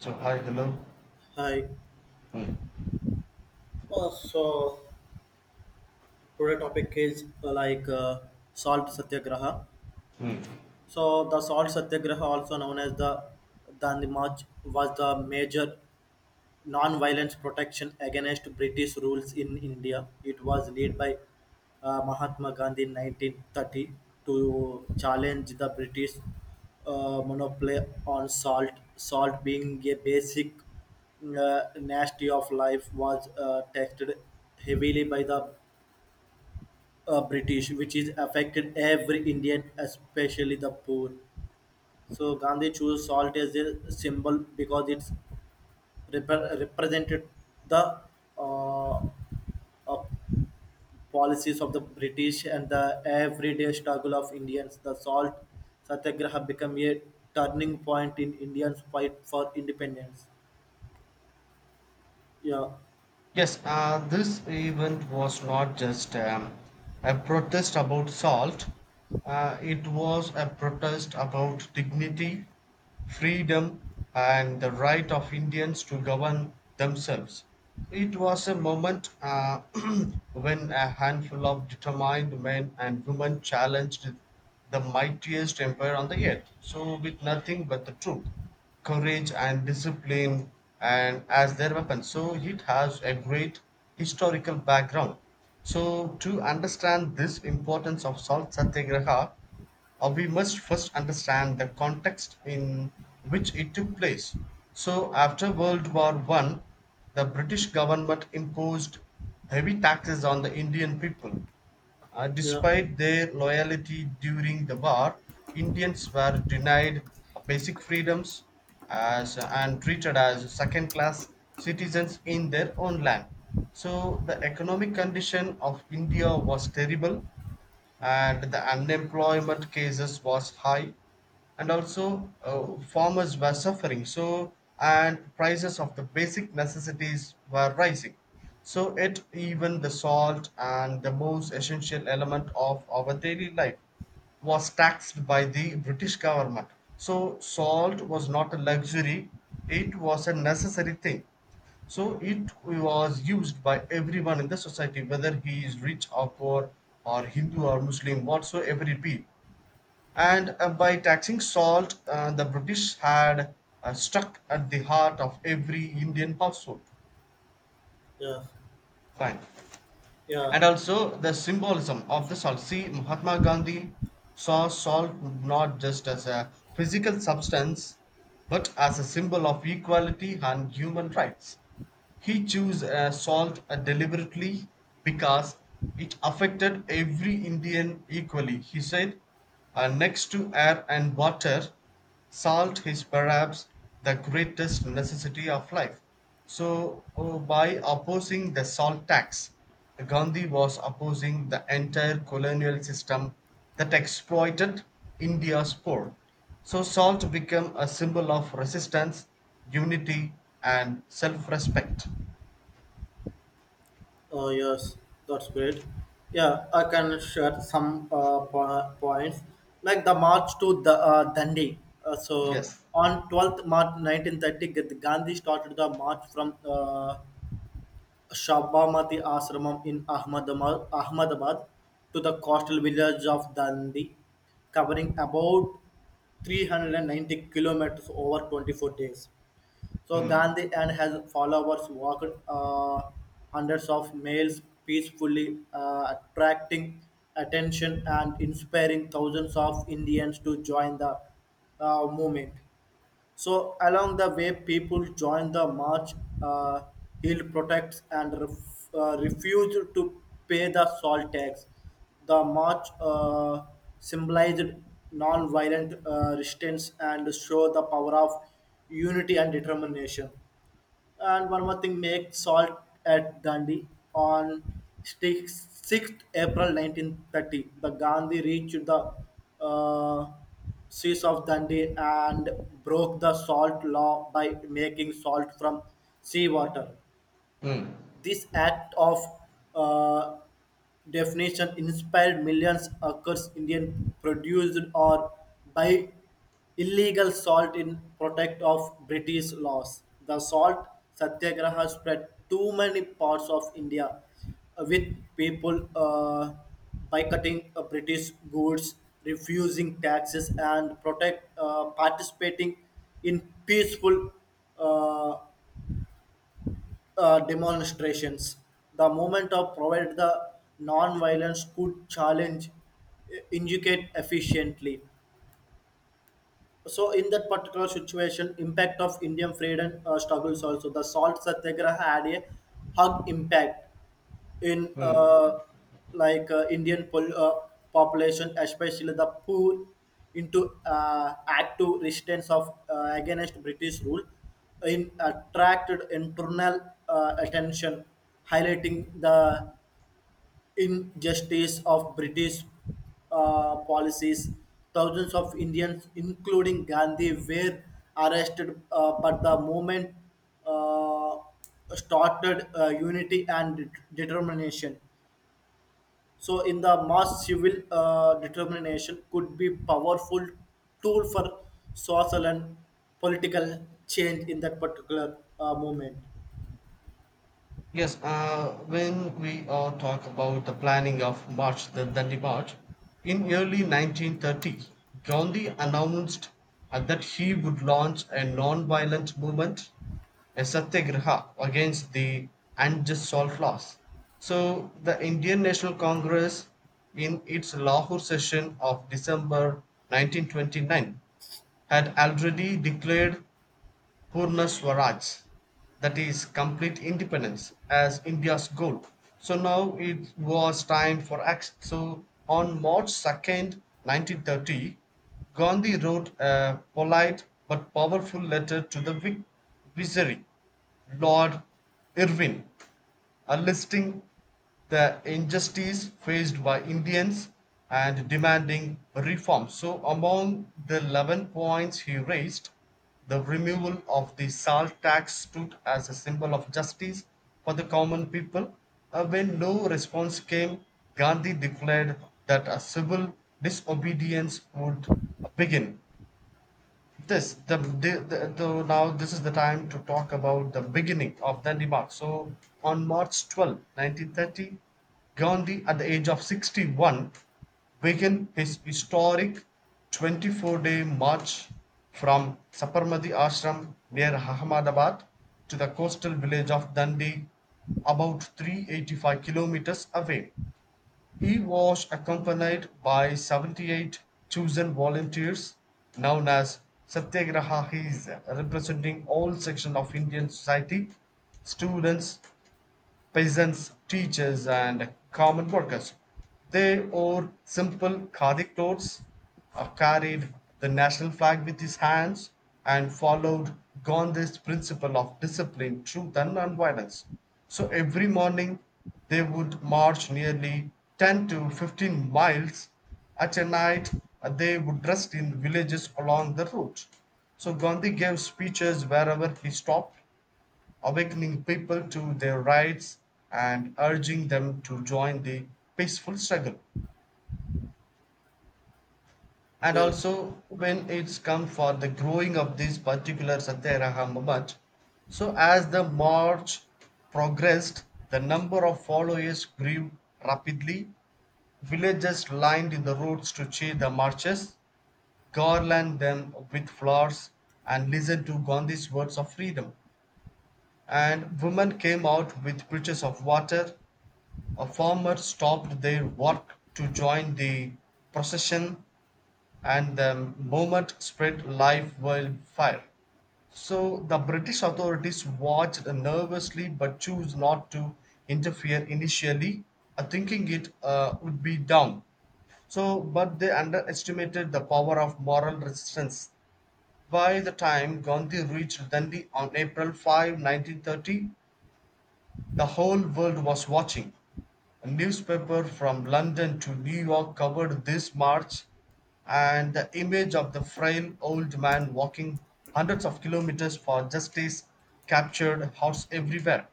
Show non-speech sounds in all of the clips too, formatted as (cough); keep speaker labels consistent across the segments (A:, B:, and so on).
A: So, hi, hello.
B: Hi.
A: Mm,
B: So today topic is salt satyagraha.
A: mm.
B: So the salt satyagraha, also known as the Dandi March, was the major non-violence protection against British rules in India. It was led by Mahatma Gandhi in 1930 to challenge the British monopoly on salt. Salt being a basic nasty of life was taxed heavily by the British, which is affected every Indian, especially the poor. So Gandhi chose salt as a symbol because it's represented the uh, uh, policies of the British and the everyday struggle of Indians. The salt satyagraha became a turning point in Indians' fight for independence. Yeah,
A: Yes, this event was not just a protest about salt. It was a protest about dignity, freedom, and the right of Indians to govern themselves. It was a moment (clears throat) when a handful of determined men and women challenged the mightiest empire on the earth. So, with nothing but the truth, courage, and discipline, and as their weapon. So, it has a great historical background. So, to understand this importance of Salt Satyagraha, we must first understand the context in which it took place. So, after World War One, the British government imposed heavy taxes on the Indian people.
B: yeah,
A: Despite their loyalty during the war, Indians were denied basic freedoms as, and treated as second class citizens in their own land. So, the economic condition of India was terrible, and the unemployment cases was high, and also farmers were suffering, so, and prices of the basic necessities were rising, so it even the salt and the most essential element of our daily life was taxed by the British government. So salt was not a luxury, it was a necessary thing. So it was used by everyone in the society, whether he is rich or poor, or Hindu or Muslim, whatsoever it be. And by taxing salt, the British had struck at the heart of every Indian household.
B: yeah,
A: Fine.
B: yeah.
A: And also the symbolism of the salt. See, Mahatma Gandhi saw salt not just as a physical substance, but as a symbol of equality and human rights. He chose salt deliberately because it affected every Indian equally. He said, "Next to air and water, salt is perhaps the greatest necessity of life." So, by opposing the salt tax, Gandhi was opposing the entire colonial system that exploited India's poor. So salt became a symbol of resistance, unity, and self-respect.
B: Oh, yes, that's great. Yeah, I can share some points like the march to the Dandi. So
A: Yes.
B: on 12th March 1930, Gandhi started the march from Shabamati Ashramam in Ahmedabad to the coastal village of Dandi, covering about 390 kilometers over 24 days. So Gandhi and his followers walked hundreds of miles peacefully, attracting attention and inspiring thousands of Indians to join the movement. So along the way, people joined the march. Uh, Hill protects and refused to pay the salt tax. The march symbolized non-violent resistance and showed the power of unity and determination. And one more thing, make salt at Gandhi on 6th April 1930. The Gandhi reached the uh, seas of Dundee and broke the salt law by making salt from seawater.
A: Mm,
B: This act of uh, definition inspired millions across Indian produced or by illegal salt in protect of British laws. The salt satyagraha spread to many parts of India with people boycotting British goods, refusing taxes and protect participating in peaceful uh, demonstrations. The movement of provided the non-violence could challenge, educate efficiently. So in that particular situation, impact of Indian freedom struggles also. The Salt Satyagraha had a hug impact in
A: mm.
B: Indian population, especially the poor, into active resistance of against British rule, in attracted internal attention, highlighting the injustice of British policies. Thousands of Indians, including Gandhi, were arrested, but the movement uh, started unity and determination. So, in the mass, civil determination could be powerful tool for social and political change in that particular moment.
A: Yes, when we talk about the planning of March, the Dandi March, in early 1930, Gandhi announced that he would launch a non-violent movement, a satyagraha against the unjust salt laws. So the Indian National Congress, in its Lahore session of December 1929, had already declared Purna Swaraj, that is, complete independence, as India's goal. So now it was time for action. So on March 2nd, 1930, Gandhi wrote a polite but powerful letter to the Viceroy, Lord Irwin, listing the injustice faced by Indians and demanding reform. So, among the 11 points he raised, the removal of the salt tax stood as a symbol of justice for the common people. When no response came, Gandhi declared that a civil disobedience would begin. This the though Now this is the time to talk about the beginning of the Denmark. So on March 12th, 1930, Gandhi at the age of 61 began his historic 24-day march from Saparmadi Ashram near Ahmedabad to the coastal village of Dandi, about 385 kilometers away. He was accompanied by 78 chosen volunteers known as Satyagrahis, representing all sections of Indian society: students, peasants, teachers, and common workers. They wore simple Khadi clothes, carried the national flag with his hands, and followed Gandhi's principle of discipline, truth, and nonviolence. So every morning they would march nearly 10 to 15 miles. At a night, they would rest in villages along the route. So Gandhi gave speeches wherever he stopped, awakening people to their rights and urging them to join the peaceful struggle. And
B: Yes.
A: also, when it's come for the growing of this particular Satyagraha movement, so as the march progressed, the number of followers grew rapidly. Villagers lined in the roads to cheer the marches, garland them with flowers, and listen to Gandhi's words of freedom. And women came out with pitchers of water. A farmer stopped their work to join the procession, and the movement spread like wildfire. So the British authorities watched nervously but chose not to interfere initially, thinking it would be dumb. So, but they underestimated the power of moral resistance. By the time Gandhi reached Dandi on April 5, 1930, the whole world was watching. Newspapers from London to New York covered this march, and the image of the frail old man walking hundreds of kilometers for justice captured hearts everywhere.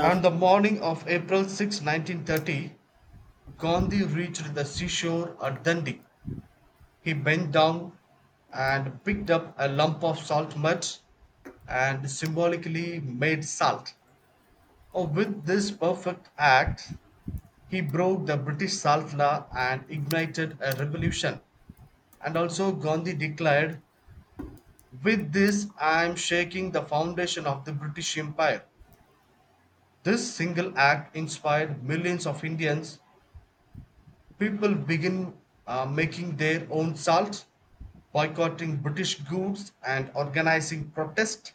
A: On the morning of April 6, 1930, Gandhi reached the seashore at Dundee. He bent down and picked up a lump of salt mud and symbolically made salt. Oh, with this perfect act, he broke the British salt law and ignited a revolution. And also, Gandhi declared, "With this, I am shaking the foundation of the British Empire." This single act inspired millions of Indians. People begin making their own salt, boycotting British goods, and organizing protests.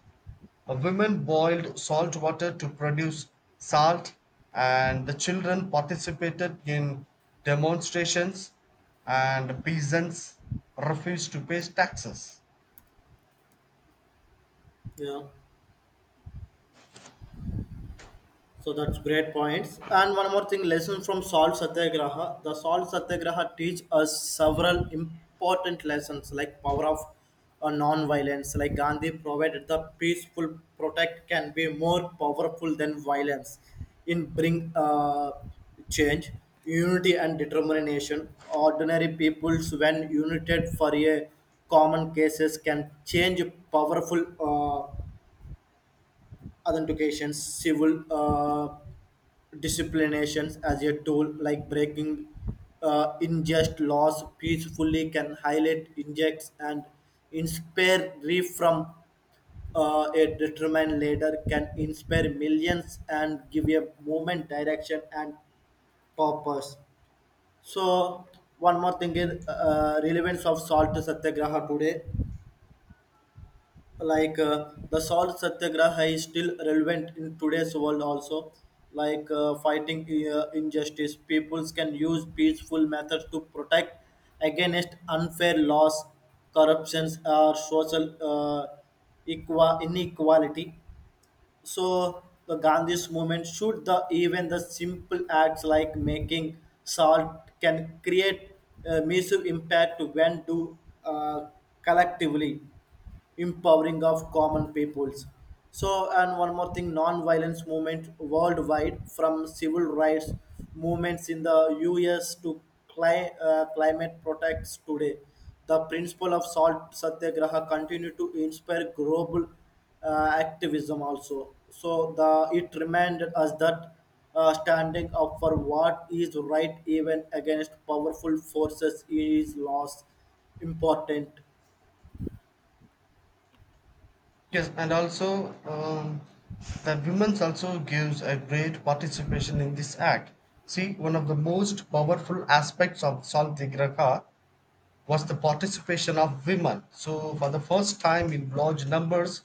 A: Women boiled salt water to produce salt, and the children participated in demonstrations, and peasants refused to pay taxes.
B: Yeah. So that's great points. And one more thing, lesson from Salt Satyagraha. The Salt Satyagraha teach us several important lessons like power of non-violence. Like Gandhi provided the peaceful protest can be more powerful than violence in bring change, unity and determination. Ordinary peoples when united for a common cases can change powerful authentication, civil disciplinations as a tool like breaking unjust laws peacefully can highlight injects and inspire grief from a determined leader can inspire millions and give a movement direction and purpose. So one more thing is relevance of salt satyagraha today like the salt satyagraha is still relevant in today's world also like fighting injustice peoples can use peaceful methods to protect against unfair laws corruptions or social inequality so the gandhi's movement should the even the simple acts like making salt can create a massive impact when do uh, collectively empowering of common peoples. So, and one more thing, non-violence movement worldwide, from civil rights movements in the U.S. to climate protects today, the principle of salt satyagraha continue to inspire global activism also. So, the it reminded us that standing up for what is right even against powerful forces is lost important.
A: Yes, and also the women's also gives a great participation in this act. See, one of the most powerful aspects of Salt Tigraka was the participation of women. So, for the first time in large numbers,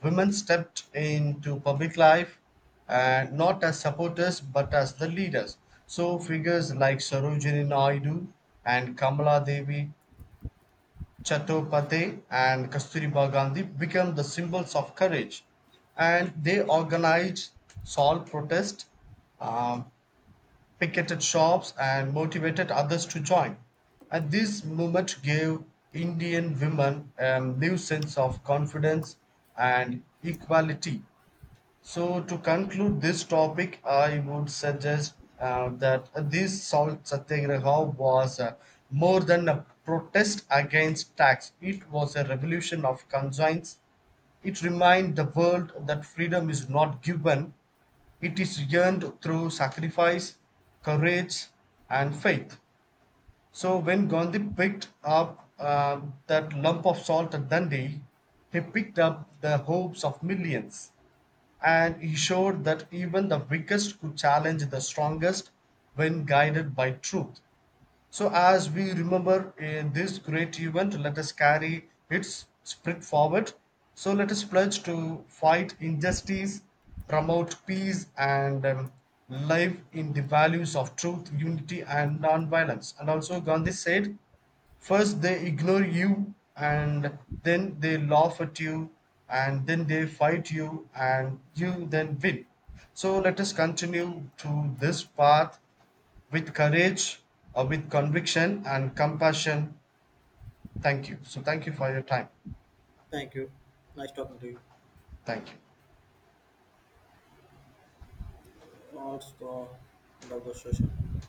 A: women stepped into public life and not as supporters but as the leaders. So, figures like Sarojini Naidu and Kamala Devi Chattopadhyay and Kasturiba Gandhi became the symbols of courage, and they organized, solved protest, um, picketed shops and motivated others to join. And this movement gave Indian women a new sense of confidence and equality. So, to conclude this topic, I would suggest that this salt satyagraha was more than a protest against tax, it was a revolution of conscience. It reminded the world that freedom is not given, it is earned through sacrifice, courage, and faith. So, when Gandhi picked up that lump of salt at Dandi, he picked up the hopes of millions, and he showed that even the weakest could challenge the strongest when guided by truth. So, as we remember this great event, let us carry its spirit forward. So, let us pledge to fight injustice, promote peace, and live in the values of truth, unity, and non-violence. And also, Gandhi said, "First they ignore you, and then they laugh at you, and then they fight you, and you then win." So, let us continue to this path with courage or with conviction and compassion. Thank you. So, thank you for your time.
B: Thank you. Nice talking to you.
A: Thank you.
B: Let's go love the session.